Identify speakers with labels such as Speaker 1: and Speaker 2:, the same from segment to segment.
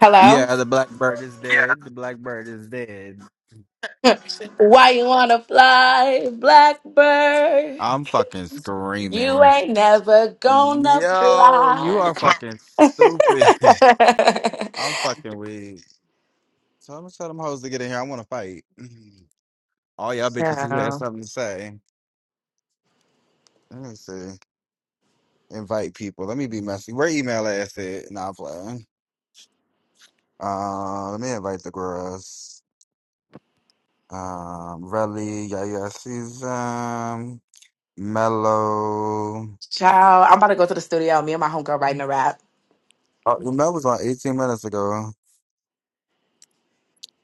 Speaker 1: Hello?
Speaker 2: Yeah, the blackbird is dead. The blackbird is dead.
Speaker 1: Why you wanna fly, Blackbird?
Speaker 2: I'm fucking
Speaker 1: You
Speaker 2: screaming.
Speaker 1: ain't never gonna
Speaker 2: Yo, you
Speaker 1: fly.
Speaker 2: are fucking stupid. I'm fucking weak. So I'm gonna tell them hoes to get in here. I wanna fight. All y'all bitches who had
Speaker 1: Child,
Speaker 2: something to say. Let's see. Invite people. Let me be messy. Where email ass at? Nah, I'm playing. Uh, let me invite the girls. Um, Relly, Yaya Season, Mellow.
Speaker 1: Child, I'm about to go to the studio. Me and my homegirl writing a rap.
Speaker 2: Uh, that was like 18 minutes ago.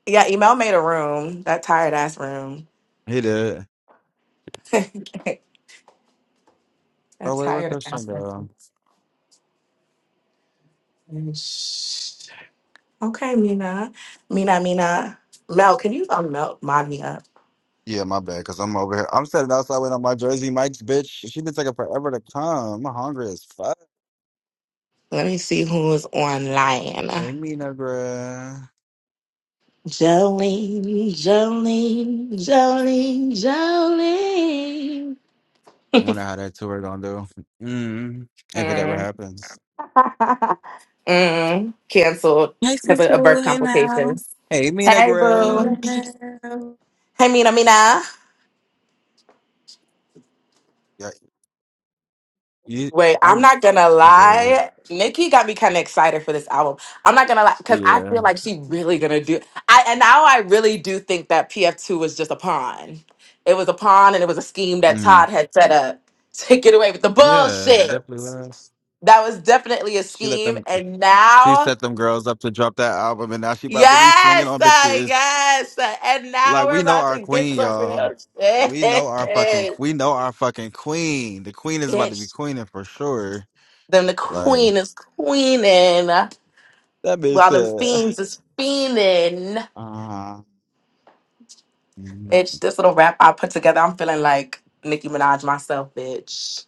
Speaker 1: Yeah, email made a room. That tired ass room.
Speaker 2: He did.
Speaker 1: that
Speaker 2: Oh, wait, where
Speaker 1: tired
Speaker 2: Christian
Speaker 1: ass
Speaker 2: go?
Speaker 1: room. Shh. Okay, Mina. Mina, Mina. Mel, can you unmelt mod me up?
Speaker 2: Yeah, my bad, because I'm over here. I'm sitting outside waiting on my Jersey Mike's bitch. She been taking forever to come. I'm hungry as fuck.
Speaker 1: Let me see who's online.
Speaker 2: Hey, Mina, bruh.
Speaker 1: Jolene, Jolene, Jolene, Jolene.
Speaker 2: I wonder how that tour gonna do. Mm, if it ever
Speaker 1: Mm.
Speaker 2: happens.
Speaker 1: mm. Canceled
Speaker 3: Hey,
Speaker 1: because of, of
Speaker 3: Central.
Speaker 1: birth
Speaker 3: Hey, Mel.
Speaker 1: complications.
Speaker 2: Hey, Mina,
Speaker 1: Hey,
Speaker 3: Hey,
Speaker 1: boo.
Speaker 2: bruh.
Speaker 3: Mel.
Speaker 1: Hey, Mina, Mina.
Speaker 2: Yeah, you,
Speaker 1: Wait, I'm
Speaker 2: I'm,
Speaker 1: not gonna
Speaker 2: I'm good.
Speaker 1: lie. Nikki got me kind of excited for this album. I'm not gonna lie because I
Speaker 2: Yeah.
Speaker 1: feel like she really gonna do. I and now I really do think that PF2 was just a pawn. It was a pawn, and it was a scheme that
Speaker 2: Mm,
Speaker 1: Todd had set up to get away with the
Speaker 2: yeah, it
Speaker 1: bullshit.
Speaker 2: definitely was.
Speaker 1: That was definitely a
Speaker 2: She let
Speaker 1: scheme.
Speaker 2: them,
Speaker 1: And
Speaker 2: she
Speaker 1: now,
Speaker 2: set them girls up to drop that album, and now she about to be swinging
Speaker 1: yes,
Speaker 2: on
Speaker 1: uh,
Speaker 2: bitches.
Speaker 1: yes. uh, and now
Speaker 2: Like
Speaker 1: we're
Speaker 2: we know
Speaker 1: about to
Speaker 2: our
Speaker 1: get
Speaker 2: queen,
Speaker 1: some
Speaker 2: y'all.
Speaker 1: real
Speaker 2: We know our fucking
Speaker 1: shit.
Speaker 2: we know our fucking queen. The queen is about to be
Speaker 1: Bitch,
Speaker 2: queening for sure.
Speaker 1: then the
Speaker 2: Like
Speaker 1: queen is queening
Speaker 2: that bitch
Speaker 1: while them
Speaker 2: said.
Speaker 1: fiends is fiending.
Speaker 2: Uh, mm,
Speaker 1: Bitch, this little rap I put together, I'm feeling like Nicki Minaj myself, bitch.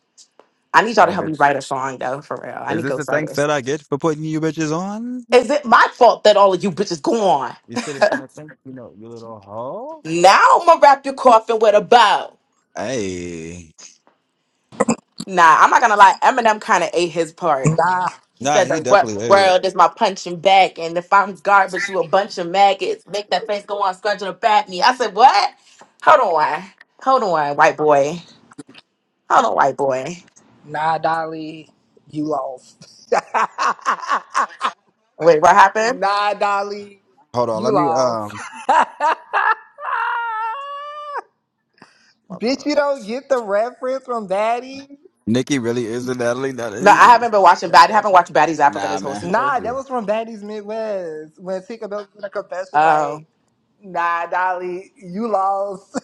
Speaker 1: I need y'all
Speaker 2: hey
Speaker 1: to help me
Speaker 2: bitch.
Speaker 1: write a song though, for real. I
Speaker 2: Is
Speaker 1: need
Speaker 2: this the thanks
Speaker 1: ghostwriters.
Speaker 2: that I get for putting you bitches on?
Speaker 1: Is it my fault that all of you bitches go on?
Speaker 2: You said it's gonna thank you know, you little hoe?
Speaker 1: Now I'm gonna wrap your coffin with a bow.
Speaker 2: Hey.
Speaker 1: Nah, I'm not gonna lie. Eminem kind of ate his part.
Speaker 4: Nah,
Speaker 1: He
Speaker 2: Nah,
Speaker 1: said,
Speaker 2: he
Speaker 1: "The "What
Speaker 2: definitely hey.
Speaker 1: world is my punching bag, And if I'm garbage, you a bunch of maggots. Make that face go on scratching up at me." I said, "What? Hold on, hold on, white boy. Hold on, white boy.
Speaker 4: nah, Dolly, you lost.
Speaker 1: Wait, what happened?
Speaker 4: nah, Dolly,
Speaker 2: Hold on,
Speaker 4: you
Speaker 2: let me
Speaker 4: lost.
Speaker 2: um
Speaker 4: Bitch, you don't get the reference from Daddy?
Speaker 2: Nikki really is a Natalie.
Speaker 1: No,
Speaker 2: Natalie.
Speaker 1: I haven't been watching bad. I haven't watched Baddies Africa this
Speaker 2: Nah,
Speaker 1: whole season.
Speaker 4: Nah, that
Speaker 2: man.
Speaker 4: was from Daddy's Midwest. When Tinker Bell did a confession,
Speaker 1: Oh,
Speaker 4: like, nah, Dolly, you lost.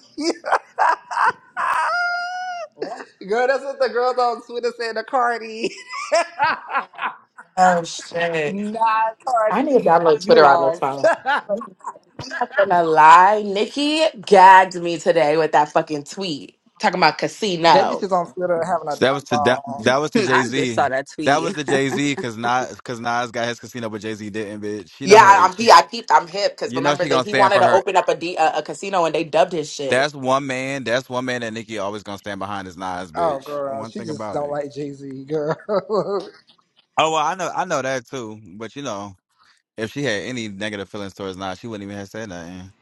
Speaker 4: Girl, that's what the girls on Twitter said to Cardi.
Speaker 1: oh shit.
Speaker 4: nah,
Speaker 1: I
Speaker 4: Cardi,
Speaker 1: need to download
Speaker 4: you
Speaker 1: Twitter on this
Speaker 4: lost.
Speaker 1: phone. I'm not gonna lie, Nikki gagged me today with that fucking tweet talking about
Speaker 4: that
Speaker 1: casino.
Speaker 4: bitch is on Twitter having a,
Speaker 2: So that was
Speaker 4: a
Speaker 2: to that,
Speaker 4: ball.
Speaker 2: that was to Jay
Speaker 3: I just
Speaker 2: Z.
Speaker 3: saw that
Speaker 2: That was
Speaker 3: tweet.
Speaker 2: the Jay Z because Nas because Nas got his casino, but Jay Z didn't. Bitch, you know
Speaker 1: Yeah,
Speaker 2: her.
Speaker 1: I- I'm
Speaker 2: She,
Speaker 1: he, I peeped. I'm hip because
Speaker 2: you know
Speaker 1: remember
Speaker 2: she
Speaker 1: that
Speaker 2: gonna
Speaker 1: he
Speaker 2: stand
Speaker 1: wanted
Speaker 2: for
Speaker 1: to
Speaker 2: her.
Speaker 1: open up a, D, a a casino and they dubbed his shit.
Speaker 2: That's one man. That's one man that Nikki always gonna stand behind is Nas,
Speaker 4: Oh,
Speaker 2: bitch.
Speaker 4: girl,
Speaker 2: One
Speaker 4: she
Speaker 2: thing
Speaker 4: just
Speaker 2: about
Speaker 4: don't
Speaker 2: it.
Speaker 4: like Jay Z, girl.
Speaker 2: Oh well, I know I know that too. But you know, if she had any negative feelings towards Nas, she wouldn't even have said nothing.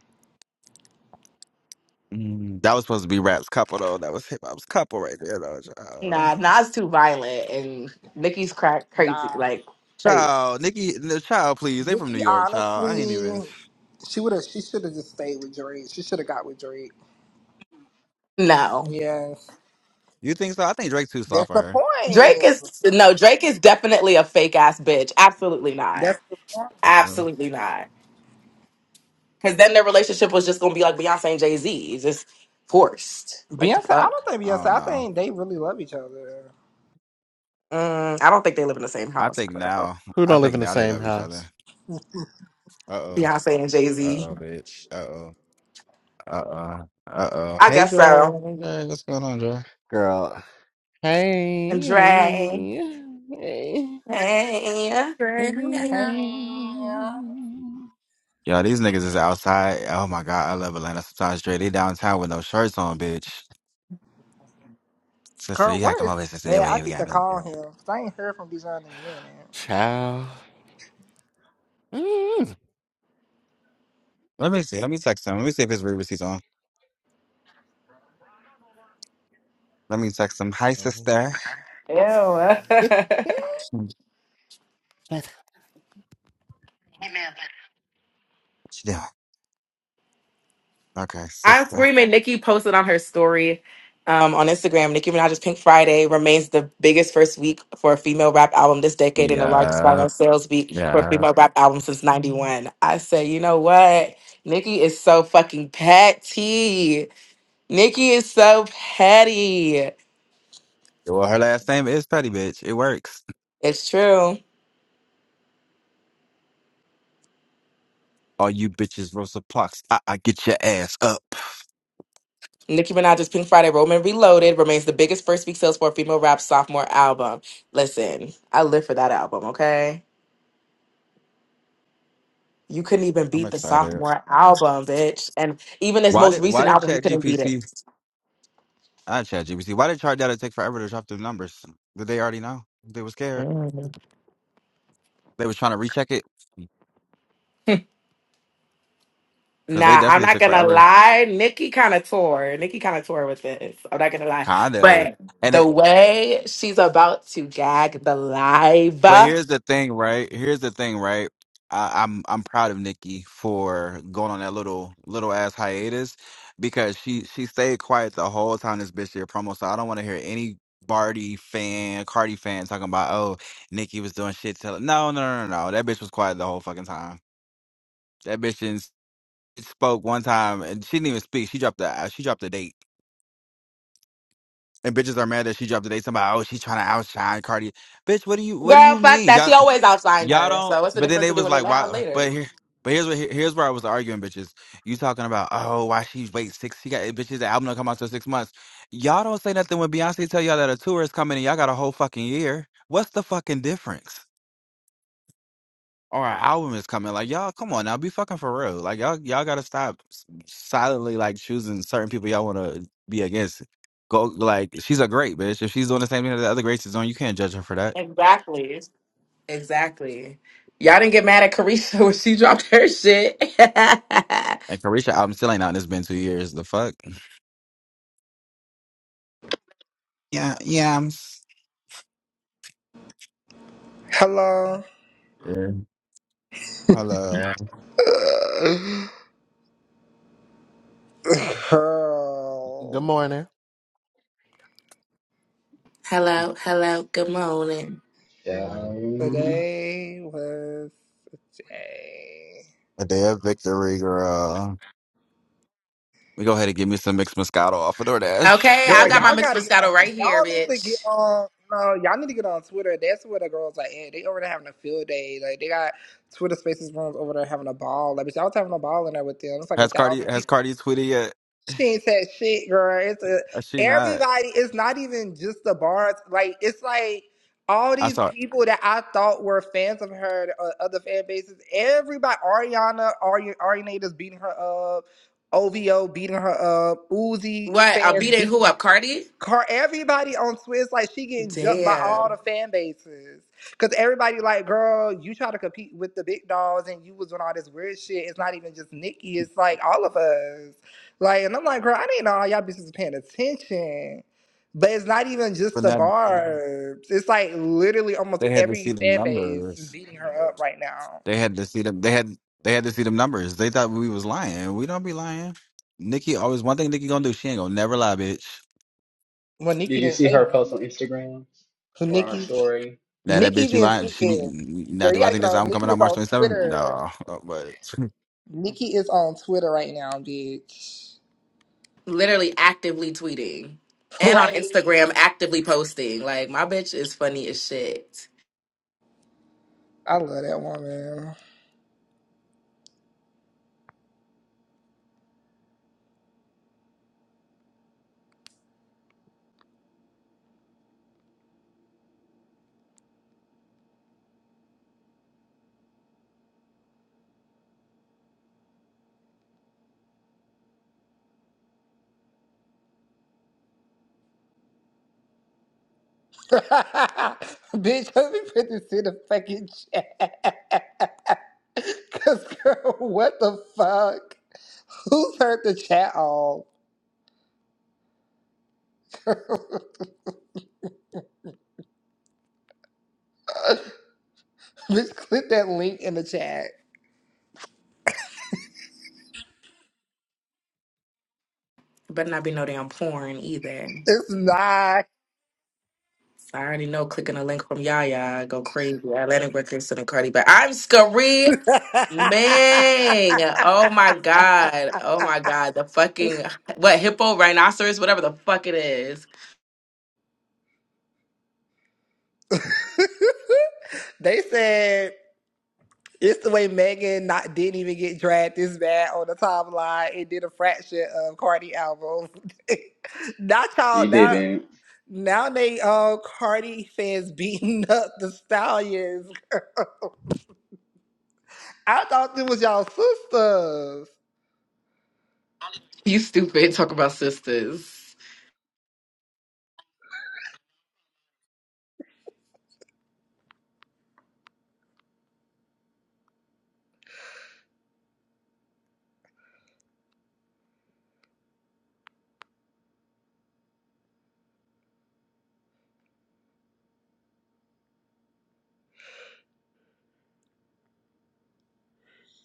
Speaker 2: Mm, that was supposed to be rap's couple though. That was hip hop's couple right there though. Child,
Speaker 1: Nah, Nas too violent and Nicki's crack crazy,
Speaker 4: nah,
Speaker 1: like crazy.
Speaker 2: child Nikki, no, child, please. They from New
Speaker 4: Nicki,
Speaker 2: York, child. I ain't
Speaker 4: honestly,
Speaker 2: even.
Speaker 4: she would have. She should have just stayed with Drake. She should have got with Drake.
Speaker 1: No,
Speaker 4: Yes,
Speaker 2: You think so? I think Drake too soft
Speaker 4: that's the
Speaker 2: for
Speaker 1: Drake
Speaker 4: point.
Speaker 1: is no Drake is definitely a fake ass bitch. Absolutely not.
Speaker 4: That's the
Speaker 2: her.
Speaker 4: point.
Speaker 1: Absolutely not. Because then their relationship was just gonna be like Beyonce and Jay Z, just forced. Like the
Speaker 4: Beyonce, I
Speaker 1: fuck.
Speaker 4: don't think
Speaker 2: I
Speaker 4: Beyonce.
Speaker 2: don't
Speaker 4: I
Speaker 2: know.
Speaker 4: think they really love each other.
Speaker 1: Mm, I don't think they live in the same
Speaker 2: I
Speaker 1: house,
Speaker 2: think
Speaker 1: bro.
Speaker 2: now,
Speaker 5: Who
Speaker 2: I
Speaker 5: don't live
Speaker 2: think
Speaker 5: in the
Speaker 2: now they
Speaker 5: same
Speaker 2: love each other.
Speaker 5: house?
Speaker 2: Uh oh.
Speaker 1: Beyonce and Jay
Speaker 2: Uh
Speaker 1: Z.
Speaker 2: oh, bitch. Uh oh. Uh oh. Uh oh.
Speaker 1: I
Speaker 2: Hey,
Speaker 1: guess
Speaker 2: Dre.
Speaker 1: so.
Speaker 2: Hey, Dre. What's going on, Dre?
Speaker 5: Girl, Hey,
Speaker 1: And Dre.
Speaker 5: hey, hey,
Speaker 1: Hey.
Speaker 3: Great. Hey, yeah, yeah.
Speaker 5: hey.
Speaker 4: Hey,
Speaker 2: Yo, these niggas is outside. Oh my God, I love Atlanta sometimes, Dre. They downtown with no shirts on, bitch. Sister,
Speaker 4: Kurt,
Speaker 2: you gotta
Speaker 4: where
Speaker 2: come
Speaker 4: is?
Speaker 2: over here, sister. Hey,
Speaker 4: Yeah, I
Speaker 2: wait, we
Speaker 4: need to
Speaker 2: gotta.
Speaker 4: call him. 'cause I ain't heard from Dijon in a minute.
Speaker 5: child. Mm.
Speaker 2: Let me see. Let me text him. Let me see if his Reebok is on. Let me text him. Hi, sister.
Speaker 1: Ew.
Speaker 2: What you
Speaker 5: But
Speaker 2: doing? Okay,
Speaker 1: I'm
Speaker 2: sister.
Speaker 1: screaming. Nikki posted on her story um, on Instagram. Nicki Minaj's Pink Friday remains the biggest first week for a female rap album this decade and the largest final
Speaker 2: Yeah.
Speaker 1: sales week for a
Speaker 2: Yeah.
Speaker 1: female rap album since 91. I say, you know what? Nikki is so fucking petty. Nikki is so petty.
Speaker 2: Well, her last name is Petty, bitch. It works.
Speaker 1: It's true.
Speaker 2: All you bitches, Rosa Parks. I, I get your ass up.
Speaker 1: Nicki Minaj's Pink Friday Roman Reloaded remains the biggest first week sales for a female rap sophomore album. Listen, I live for that album, okay? You couldn't even
Speaker 2: I'm
Speaker 1: beat the
Speaker 2: excited.
Speaker 1: sophomore album, bitch. And even his
Speaker 2: Why
Speaker 1: most
Speaker 2: did Why
Speaker 1: recent
Speaker 2: did
Speaker 1: album, you couldn't beat it.
Speaker 2: ChatGPT? Not ChatGPT. Why did ChatGPT take forever to drop the numbers? Did they already know? They were scared.
Speaker 1: Mm.
Speaker 2: They was trying to recheck it because they
Speaker 1: Nah, I'm
Speaker 2: definitely
Speaker 1: not
Speaker 2: took
Speaker 1: gonna
Speaker 2: forever.
Speaker 1: lie. Nikki kind of tore. Nikki kind of tore with this. I'm not gonna lie.
Speaker 2: Kinda.
Speaker 1: But
Speaker 2: And
Speaker 1: the
Speaker 2: it,
Speaker 1: way she's about to gag the live
Speaker 2: But
Speaker 1: girl,
Speaker 2: here's the thing, right? Here's the thing, right? I, I'm I'm proud of Nikki for going on that little little ass hiatus because she she stayed quiet the whole time this bitch did her promo. So I don't want to hear any Barty fan, Cardi fan talking about oh Nikki was doing shit. Till no no no no no that bitch was quiet the whole fucking time. That bitch didn't s- spoke one time and she didn't even speak. She dropped the uh, she dropped the date. And bitches are mad that she dropped the date. Somebody, oh, she's trying to outshine Cardi. Bitch, what do you what do you
Speaker 1: fuck
Speaker 2: mean?
Speaker 1: that. She always outshined
Speaker 2: Y'all
Speaker 1: her. So
Speaker 2: don't.
Speaker 1: what's the
Speaker 2: But then
Speaker 1: difference
Speaker 2: they
Speaker 1: of
Speaker 2: was
Speaker 1: doing it
Speaker 2: like,
Speaker 1: now or
Speaker 2: why? But
Speaker 1: later?
Speaker 2: here, but here's what here's where I was arguing, bitches. You talking about oh why she wait six? She got bitches. The album don't come out till six months. Y'all don't say nothing when Beyonce tell y'all that a tour is coming and y'all got a whole fucking year. What's the fucking difference? Or an album is coming. Like y'all, come on now, be fucking for real. Like y'all, y'all gotta stop s- silently like choosing certain people y'all want to be against. Go like she's a great bitch. If she's doing the same thing that the other greats is doing, you can't judge her for that.
Speaker 1: Exactly. Exactly. Y'all didn't get mad at Carisha when she dropped her shit.
Speaker 2: And Carisha album still ain't out and it's been two years. The fuck? Yeah, yeah. I'm
Speaker 4: Hello,
Speaker 2: Yeah. Hello.
Speaker 5: good
Speaker 4: girl.
Speaker 5: morning,
Speaker 1: hello, hello, good morning.
Speaker 5: Girl,
Speaker 6: Down
Speaker 4: Today was a day.
Speaker 2: A day of victory, girl. We go ahead and give me some mixed moscato off of
Speaker 1: Okay,
Speaker 2: DoorDash.
Speaker 4: Girl,
Speaker 1: I
Speaker 6: there.
Speaker 1: got my
Speaker 4: y'all
Speaker 1: mixed
Speaker 4: gotta get on.
Speaker 1: Moscato right here,
Speaker 4: Y'all need to get
Speaker 1: bitch.
Speaker 4: on. No, y'all need to get on Twitter. That's where the girls are at. They over there having a field day. Like they got Twitter Spaces rooms over there having a ball. Like bitch, I was having a ball in there with them. It's like a
Speaker 2: Has Cardi
Speaker 4: thousand. people.
Speaker 2: has Cardi tweeted yet?
Speaker 4: She ain't said shit, girl. It's a,
Speaker 2: Has she not?
Speaker 4: everybody. It's not even just the bars. Like it's like all
Speaker 2: I
Speaker 4: these
Speaker 2: saw it.
Speaker 4: people that I thought were fans of her, uh, other fan bases. Everybody, Ariana, Ari, Ariana is beating her up. OVO beating her up. Uzi
Speaker 1: What? I'm
Speaker 4: fans
Speaker 1: beating
Speaker 4: beating
Speaker 1: who up, Cardi?
Speaker 4: Car, everybody on Swiss like she getting jumped by all
Speaker 1: Damn.
Speaker 4: the fan bases because everybody like, girl, you try to compete with the big dogs and you was doing all this weird shit. It's not even just Nikki, it's like all of us. Like, and I'm like, girl, I didn't know all y'all bitches was paying attention. But it's not even just
Speaker 2: But
Speaker 4: the
Speaker 2: now
Speaker 4: barbs. It's like literally almost
Speaker 2: they had to
Speaker 4: every
Speaker 2: see the
Speaker 4: fan base is
Speaker 2: numbers.
Speaker 4: beating her up right now.
Speaker 2: They had to see them they had they had to see them numbers. They thought we was lying. We don't be lying. Nikki always one thing Nikki gonna do, she ain't gonna never lie, bitch.
Speaker 4: Well, Nikki
Speaker 6: Did you
Speaker 4: didn't
Speaker 6: see
Speaker 4: say
Speaker 6: her post on Instagram
Speaker 4: nothing.
Speaker 6: or on her
Speaker 4: Nikki,
Speaker 6: story?
Speaker 2: Now that
Speaker 4: Nikki
Speaker 2: bitch you
Speaker 4: didn't
Speaker 2: lying,
Speaker 4: tweet
Speaker 2: she be
Speaker 4: it.
Speaker 2: now
Speaker 4: Girl, you
Speaker 2: do I
Speaker 4: gotta get
Speaker 2: think this
Speaker 4: on.
Speaker 2: album
Speaker 4: Nikki
Speaker 2: coming
Speaker 4: is
Speaker 2: out March
Speaker 4: on
Speaker 2: twenty seventh?
Speaker 4: Twitter.
Speaker 2: No. Uh, But
Speaker 4: Nikki is on Twitter right now, bitch.
Speaker 1: Literally actively tweeting and on
Speaker 4: Like,
Speaker 1: Instagram actively posting. Like, my bitch is funny as shit.
Speaker 4: I love that woman. bitch, let me put this in the fucking chat. Cause girl, what the fuck? Who turned the chat on? bitch, click that link in the chat.
Speaker 1: Better not be no damn porn either.
Speaker 4: It's not.
Speaker 1: I already know clicking a link from Yaya go crazy. Atlantic Records and Cardi, but I'm scary, Bang! Oh my god. Oh my god. The fucking what hippo, rhinoceros, whatever the fuck it is.
Speaker 4: they said It's the way Megan not didn't even get dragged this bad on the timeline and did a fraction of Cardi album. Not y'all
Speaker 6: You
Speaker 4: now
Speaker 6: didn't.
Speaker 4: now they uh Cardi fans beating up the stallions. I thought it was y'all sisters.
Speaker 1: You stupid. Talk about sisters.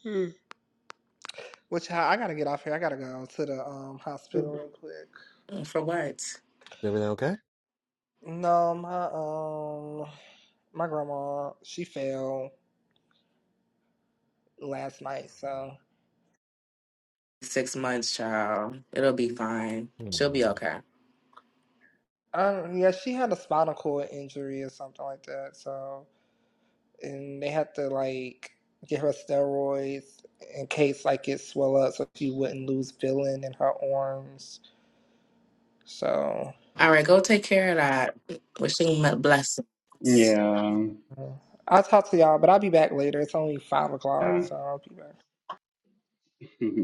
Speaker 4: Hmm. Which I, I gotta get off here. I gotta go to the um hospital real quick.
Speaker 1: Mm, For what?
Speaker 5: is everything okay?
Speaker 4: No, my um my grandma she fell last night, so
Speaker 1: Six months, child. It'll be fine. She'll be
Speaker 5: Mm.
Speaker 1: okay.
Speaker 4: um yeah, she had a spinal cord injury or something like that. So and they had to like give her steroids in case like it swell up so she wouldn't lose feeling in her arms. So
Speaker 1: All right, go take care of that. Wishing me blessings
Speaker 6: Yeah.
Speaker 4: uh, I'll talk to y'all, but I'll be back later. It's only five o'clock,
Speaker 6: Yeah.
Speaker 4: so I'll be back.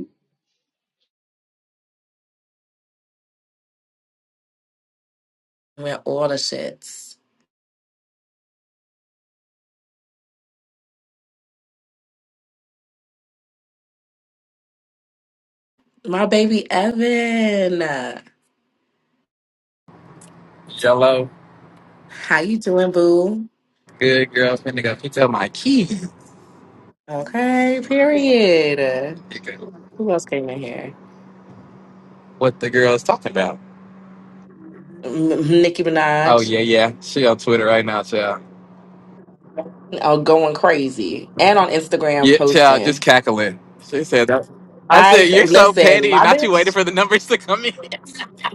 Speaker 1: with all the shits. My baby Evan, uh,
Speaker 7: Jello,
Speaker 1: how you doing, boo?
Speaker 7: good girl, finna go pick up my keys.
Speaker 1: Okay, period.
Speaker 7: Nigga,
Speaker 1: Who else came in here?
Speaker 7: What the girl is talking about?
Speaker 1: M- Nicki
Speaker 7: Oh
Speaker 1: Minaj,
Speaker 7: yeah, yeah, she on Twitter right now, child.
Speaker 1: oh, going crazy, and on Instagram
Speaker 7: Yeah, child, just
Speaker 1: posting.
Speaker 7: cackling. She said that. I said
Speaker 1: I
Speaker 7: you're so
Speaker 1: listen,
Speaker 7: petty.
Speaker 1: my
Speaker 7: Not you waiting
Speaker 1: bitch.
Speaker 7: for the numbers to come in.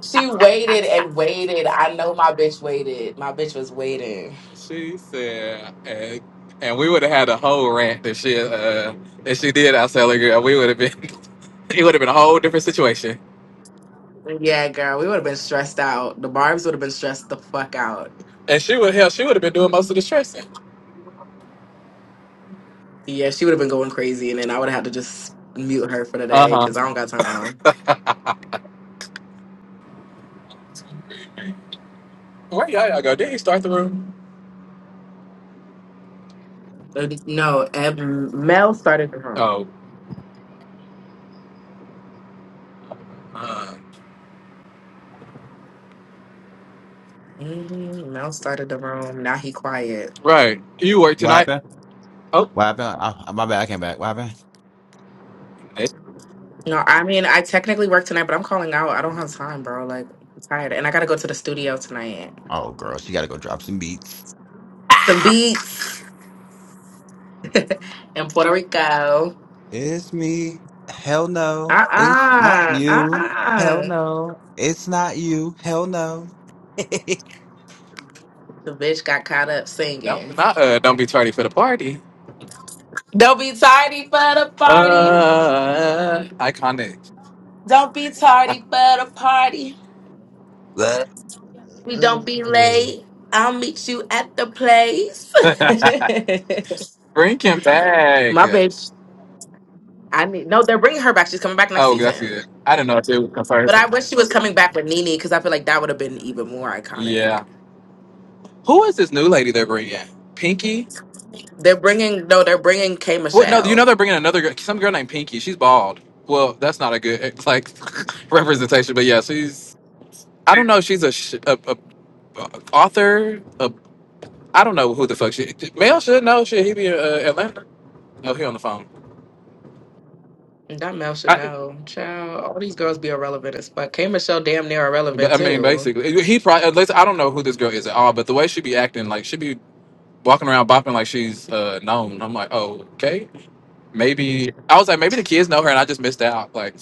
Speaker 1: She waited and waited. I know my bitch waited. My bitch was waiting.
Speaker 7: She said, and, and we would have had a whole rant if she uh if she did outsell her girl. We would have been it would have been a whole different situation.
Speaker 1: Yeah, girl, we would have been stressed out. The Barbs would have been stressed the fuck out.
Speaker 7: And she would hell, she would have been doing most of the stressing.
Speaker 1: Yeah, she would have been going crazy, and then I would have had to just mute her for the
Speaker 7: Uh
Speaker 1: day
Speaker 7: huh.
Speaker 1: because I don't got time.
Speaker 7: Where y'all y'all go? Did he start the room?
Speaker 1: Uh, No, Eb, Mel started the room.
Speaker 7: Oh. Uh,
Speaker 1: hmm Mel started the room. Now he quiet.
Speaker 7: Right. You work
Speaker 2: what
Speaker 7: tonight.
Speaker 2: happened?
Speaker 7: Oh,
Speaker 2: What happened? I, my bad. I came back. What happened?
Speaker 7: eh,
Speaker 1: No, I mean I technically work tonight, but I'm calling out. I don't have time, bro. Like I'm tired, and I gotta go to the studio tonight.
Speaker 2: Oh, girl, she got to go drop some beats.
Speaker 1: Some beats in Puerto Rico.
Speaker 2: It's me. Hell no.
Speaker 1: Uh
Speaker 2: It's not
Speaker 1: uh-uh, uh uh
Speaker 2: you. Hell
Speaker 1: uh.
Speaker 2: no. It's not you. Hell no.
Speaker 1: The bitch got caught up
Speaker 7: don't
Speaker 1: singing.
Speaker 7: not uh, don't be tardy for the party.
Speaker 1: Don't be tardy for the party.
Speaker 7: Uh, iconic.
Speaker 1: Don't be tardy for the party.
Speaker 2: what?
Speaker 1: We don't be late. I'll meet you at the place.
Speaker 7: Drinking
Speaker 1: My
Speaker 7: bag.
Speaker 1: bitch. I need no. They're bringing her back. She's coming back next
Speaker 7: Oh, that's
Speaker 1: season.
Speaker 7: good. I didn't know if it was
Speaker 1: But I
Speaker 7: confirmed.
Speaker 1: wish she was coming back with Nene because I feel like that would have been even more iconic.
Speaker 7: Yeah. Who is this new lady they're bringing? Pinky?
Speaker 1: They're bringing no. They're bringing K
Speaker 7: What? No, you know
Speaker 1: Michelle.
Speaker 7: they're bringing another girl. Some girl named Pinky. She's bald. Well, that's not a good eh, like representation, but yeah, she's. I don't know. She's a, sh- a, a, a author. A, I don't know who the fuck she. Male should know. Should he be uh, Atlanta? No, he on the phone.
Speaker 1: That Mel should
Speaker 7: I,
Speaker 1: know. Child, all these girls be irrelevant as fuck. K Michelle damn near
Speaker 7: But
Speaker 1: irrelevant
Speaker 7: I mean,
Speaker 1: too.
Speaker 7: basically, he probably. Unless, I don't know who this girl is at all, but the way she be acting, like she be walking around bopping like she's uh, known. I'm like, oh, okay, maybe. I was like, maybe the kids know her, and I just missed out. Like,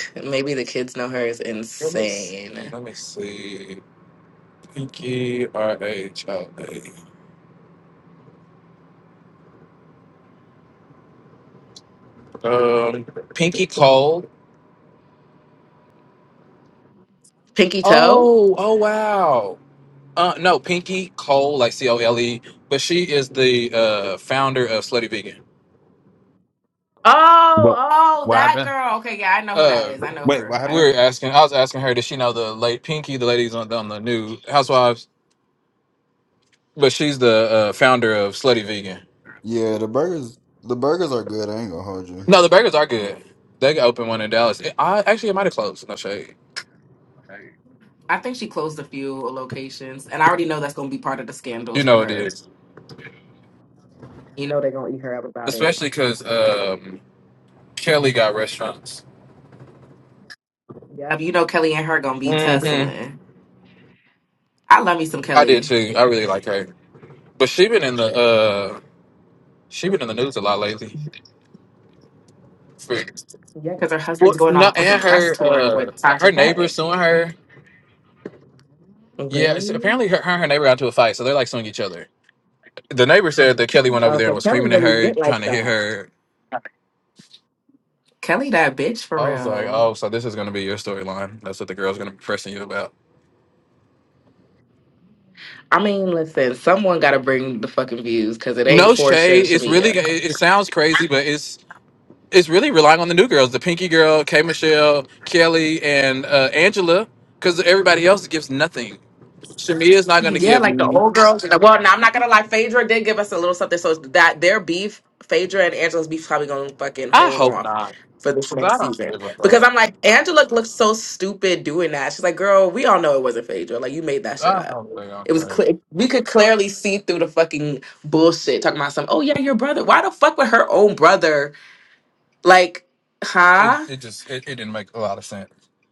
Speaker 1: Maybe the kids know her is
Speaker 7: let me see.
Speaker 1: insane.
Speaker 7: Let me see. Pinky R H O A. Um, Pinky Cole.
Speaker 1: Pinky Toe.
Speaker 7: Oh, oh wow. Uh, no, Pinky Cole, like C O L E. But she is the uh founder of Slutty Vegan.
Speaker 2: What?
Speaker 1: Oh, oh,
Speaker 2: What
Speaker 1: that
Speaker 2: happened?
Speaker 1: girl. Okay, yeah, I know who that
Speaker 7: Uh,
Speaker 1: is. I know
Speaker 2: Wait, what
Speaker 1: her. I
Speaker 7: we
Speaker 1: know.
Speaker 2: happened?
Speaker 7: were asking. I was asking her, does she know the late Pinky, the ladies on the, on the new Housewives? But she's the uh, founder of Slutty Vegan.
Speaker 2: Yeah, the burgers the burgers are good. I ain't gonna hold you.
Speaker 7: No, the burgers are good. They got open one in Dallas. It- I actually it might have closed. No shade.
Speaker 1: I think she closed a few locations, and I already know that's going to be part of the
Speaker 7: You
Speaker 1: scandals for
Speaker 7: know it
Speaker 1: her.
Speaker 7: is,
Speaker 1: You know they're going to eat her up about it.
Speaker 7: especially because um, Kelly got restaurants.
Speaker 1: Yep, you know Kelly and her going to be
Speaker 7: hmm
Speaker 1: tussling. I love me some
Speaker 7: I did
Speaker 1: Kelly.
Speaker 7: too. I really like her, but she been in the uh, she been in the news a lot lately. For-
Speaker 1: Yeah, because her husband's
Speaker 7: Well,
Speaker 1: going on
Speaker 7: no,
Speaker 1: a fucking
Speaker 7: and
Speaker 1: press
Speaker 7: her
Speaker 1: tour with
Speaker 7: uh, her
Speaker 1: Tasha
Speaker 7: neighbor
Speaker 1: K.
Speaker 7: suing her. Yeah, it's-
Speaker 1: Really?
Speaker 7: apparently her, her and her neighbor got into a fight, so they're like suing each other. the neighbor said that Kelly went over
Speaker 1: Oh,
Speaker 7: there
Speaker 1: so
Speaker 7: and was
Speaker 1: Kelly
Speaker 7: screaming at
Speaker 1: really
Speaker 7: her,
Speaker 1: get
Speaker 7: trying
Speaker 1: like
Speaker 7: to hit
Speaker 1: that.
Speaker 7: her.
Speaker 1: Kelly, that bitch for
Speaker 7: I was like,
Speaker 1: real.
Speaker 7: oh, so this is going to be your storyline. That's what the girl's going to be pressing you about.
Speaker 1: I mean, listen, someone got to bring the fucking views because it
Speaker 7: No
Speaker 1: ain't Portia and
Speaker 7: shade. It's really.
Speaker 1: Shamia.
Speaker 7: It, it sounds crazy, but it's it's really relying on the new girls, the Pinky Girl, K Michelle, Kelly, and uh, Angela, because everybody else gives nothing. Shamia's not going to
Speaker 1: Yeah,
Speaker 7: give.
Speaker 1: like the
Speaker 7: n-
Speaker 1: old girls. Well, no, I'm not gonna lie. Phaedra did give us a little something, so that their beef, Phaedra and Angela's beef, probably gonna fucking
Speaker 7: I
Speaker 1: hold
Speaker 7: hope
Speaker 1: off
Speaker 7: not,
Speaker 1: for this
Speaker 7: because I
Speaker 1: next
Speaker 7: don't
Speaker 1: season.
Speaker 7: give a
Speaker 1: Because
Speaker 7: fuck.
Speaker 1: I'm like, Angela looks so stupid doing that. She's like, girl, we all know it wasn't Phaedra. Like, you made that
Speaker 7: I
Speaker 1: shit up.
Speaker 7: don't really don't
Speaker 1: It was
Speaker 7: care.
Speaker 1: clear. We could clearly see through the fucking bullshit. Talking about some. Oh yeah, your brother. Why the fuck would her own brother? Like,
Speaker 7: It
Speaker 1: huh?
Speaker 7: it just it, it didn't make a lot of sense,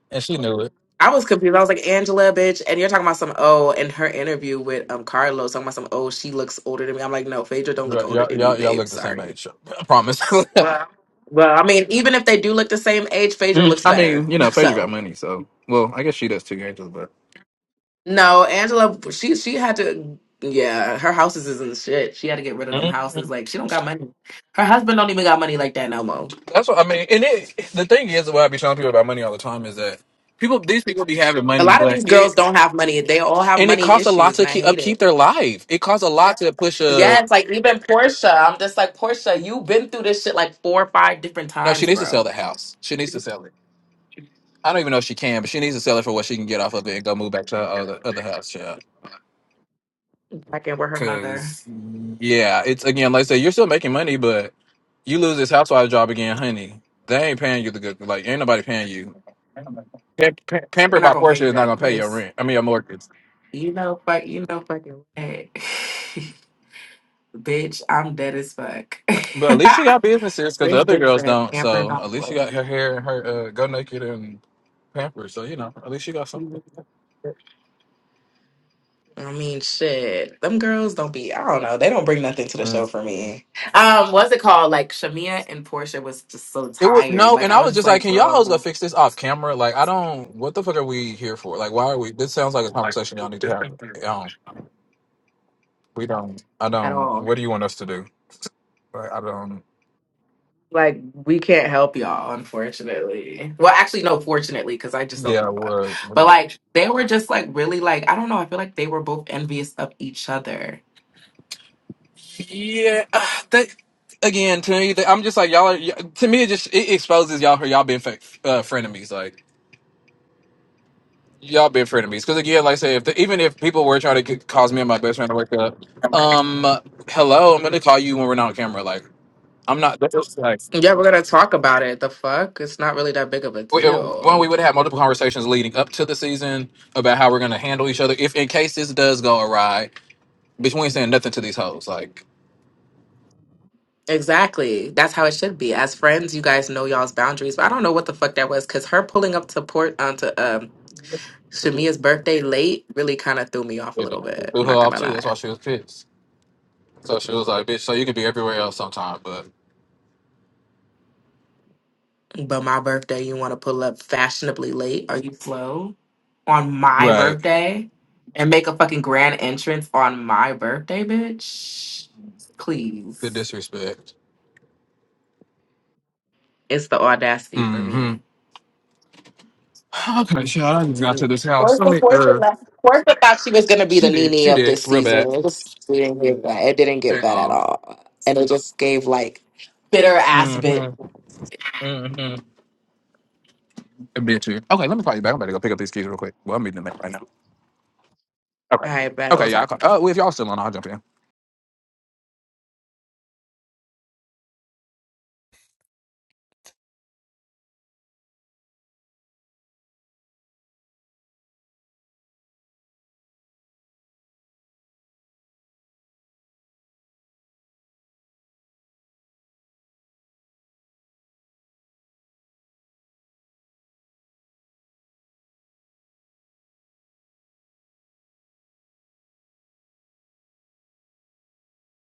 Speaker 7: and she knew it.
Speaker 1: I was confused. I was like, Angela, bitch. And you're talking about some, oh, in her interview with um Carlos, talking about some, oh, she looks older than me. I'm like, no, Phaedra don't look
Speaker 7: Y'all
Speaker 1: older
Speaker 7: y'all
Speaker 1: than you,
Speaker 7: y'all y'all
Speaker 1: babe.
Speaker 7: look the same
Speaker 1: Sorry.
Speaker 7: age. so, I promise.
Speaker 1: Well, I mean, even if they do look the same age, Phaedra
Speaker 7: Mm,
Speaker 1: looks
Speaker 7: I
Speaker 1: better.
Speaker 7: mean, you know, Phaedra got
Speaker 1: So,
Speaker 7: money, so well, I guess she does too, Angela. But
Speaker 1: no, Angela, she she had to, yeah, her houses is in shit. She had to get rid of them houses.
Speaker 7: Mhm.
Speaker 1: Like, she don't got money. Her husband don't even got money like that no more.
Speaker 7: that's what I mean. And it, the thing is, what I be telling people about money all the time is that people, these people, be having
Speaker 1: A
Speaker 7: money,
Speaker 1: lot of
Speaker 7: but
Speaker 1: these girls
Speaker 7: it
Speaker 1: don't have money. They all have
Speaker 7: and it
Speaker 1: money
Speaker 7: costs a lot
Speaker 1: issues,
Speaker 7: to
Speaker 1: and I
Speaker 7: keep
Speaker 1: hate it.
Speaker 7: upkeep their life. It costs a lot to push a.
Speaker 1: Yes, like even Portia. I'm just like, Portia, you've been through this shit like four or five different
Speaker 7: No, she
Speaker 1: times,
Speaker 7: needs to sell
Speaker 1: bro.
Speaker 7: the house. She needs to sell it. I don't even know if she can, but she needs to sell it for what she can get off of it and go move back to her other other house. Yeah,
Speaker 1: Like, and we're her mother.
Speaker 7: because yeah, it's again, like I say, you're still making money, but you lose this housewife job again, honey. They ain't paying you the good. Like ain't nobody paying you. Pam- pam-
Speaker 1: They're
Speaker 7: Pampered
Speaker 1: not
Speaker 7: by
Speaker 1: gonna pay
Speaker 7: Portia
Speaker 1: you
Speaker 7: is not
Speaker 1: like
Speaker 7: gonna pay your
Speaker 1: this.
Speaker 7: rent. I mean your mortgage.
Speaker 1: You know, fuck, you know, fucking what? bitch, I'm dead as fuck.
Speaker 7: But at least she got businesses because the
Speaker 1: this
Speaker 7: other
Speaker 1: bitch
Speaker 7: girls
Speaker 1: said
Speaker 7: don't.
Speaker 1: pampered
Speaker 7: So
Speaker 1: by
Speaker 7: at least she
Speaker 1: what?
Speaker 7: got her hair and her uh, go naked and pampered. So you know, at least she got something.
Speaker 1: I mean, shit. Them girls don't be. I don't know. They don't bring nothing to the show
Speaker 7: Mm.
Speaker 1: for me. Um, what's it called? Like Shamia and Portia was just so
Speaker 7: It would
Speaker 1: tired.
Speaker 7: no,
Speaker 1: Like
Speaker 7: and I
Speaker 1: I was
Speaker 7: was
Speaker 1: just
Speaker 7: just like,
Speaker 1: like,
Speaker 7: can y'all hoes go
Speaker 1: girl,
Speaker 7: fix this off camera? Like I don't. What the fuck are we here for? Like why are we? This sounds like a conversation y'all need to have. Um, we don't. I
Speaker 1: at
Speaker 7: don't.
Speaker 1: all.
Speaker 7: What do you want us to do? Like I don't.
Speaker 1: Like we can't help y'all, unfortunately. Well, actually, no, fortunately, because I just don't give a
Speaker 7: Yeah.
Speaker 1: fuck. But
Speaker 7: What?
Speaker 1: like they were just like really like I don't know. I feel like they were both envious of each other.
Speaker 7: Yeah, ah, that again to me, that- I'm just like y'all. Are, y- to me, it just it exposes y'all for y'all being fa- uh, frenemies. Like y'all being frenemies. Because again, like I say, if the, even if people were trying to c- cause me and my best friend to wake up, um, hello, I'm gonna call you when we're not on camera. Like I'm not. That's just like.
Speaker 1: Yeah, we're gonna talk about it. The fuck, it's not really that big of a
Speaker 7: We, uh, one,
Speaker 1: deal.
Speaker 7: we would have multiple conversations leading up to the season about how we're going to handle each other if, in case this does go awry. Bitch, we ain't saying nothing to these hoes. Like,
Speaker 1: Exactly. That's how it should be. As friends, you guys know y'all's boundaries. But I don't know what the fuck that was because her pulling up to port onto um Shamia's birthday late really kind of threw me off a
Speaker 7: yeah,
Speaker 1: little bit.
Speaker 7: threw
Speaker 1: I'm
Speaker 7: her
Speaker 1: not
Speaker 7: off
Speaker 1: gonna
Speaker 7: too. That's
Speaker 1: lie.
Speaker 7: why she was pissed. So she was like, "Bitch, so you can be everywhere else sometime, but
Speaker 1: But my birthday, you want to pull up fashionably late? Are you slow? On my
Speaker 7: Right.
Speaker 1: birthday? And make a fucking grand entrance on my birthday, bitch?
Speaker 7: The
Speaker 1: Please.
Speaker 7: disrespect.
Speaker 1: It's the audacity for
Speaker 7: Mm-hmm.
Speaker 1: me.
Speaker 7: Okay, shit, I just got to
Speaker 1: And
Speaker 7: this house. Let
Speaker 1: Portia,
Speaker 7: me,
Speaker 1: Portia,
Speaker 7: uh,
Speaker 1: left. Portia thought she was going to be the
Speaker 7: she did,
Speaker 1: Nene
Speaker 7: she
Speaker 1: of
Speaker 7: did,
Speaker 1: this
Speaker 7: real
Speaker 1: season.
Speaker 7: bad.
Speaker 1: It just we didn't give that. It didn't give
Speaker 7: And,
Speaker 1: that at
Speaker 7: uh,
Speaker 1: all. And it just gave like bitter ass bit.
Speaker 7: mm-hmm,
Speaker 1: All
Speaker 7: mm-hmm. A bit too. Okay, let me call you back. I'm about to go pick up these keys real quick. Well, I'm meeting them right now. Okay.
Speaker 1: right, but we'll
Speaker 7: Okay,
Speaker 1: talk.
Speaker 7: yeah, I'll call. Uh, well, if y'all still on, I'll jump in.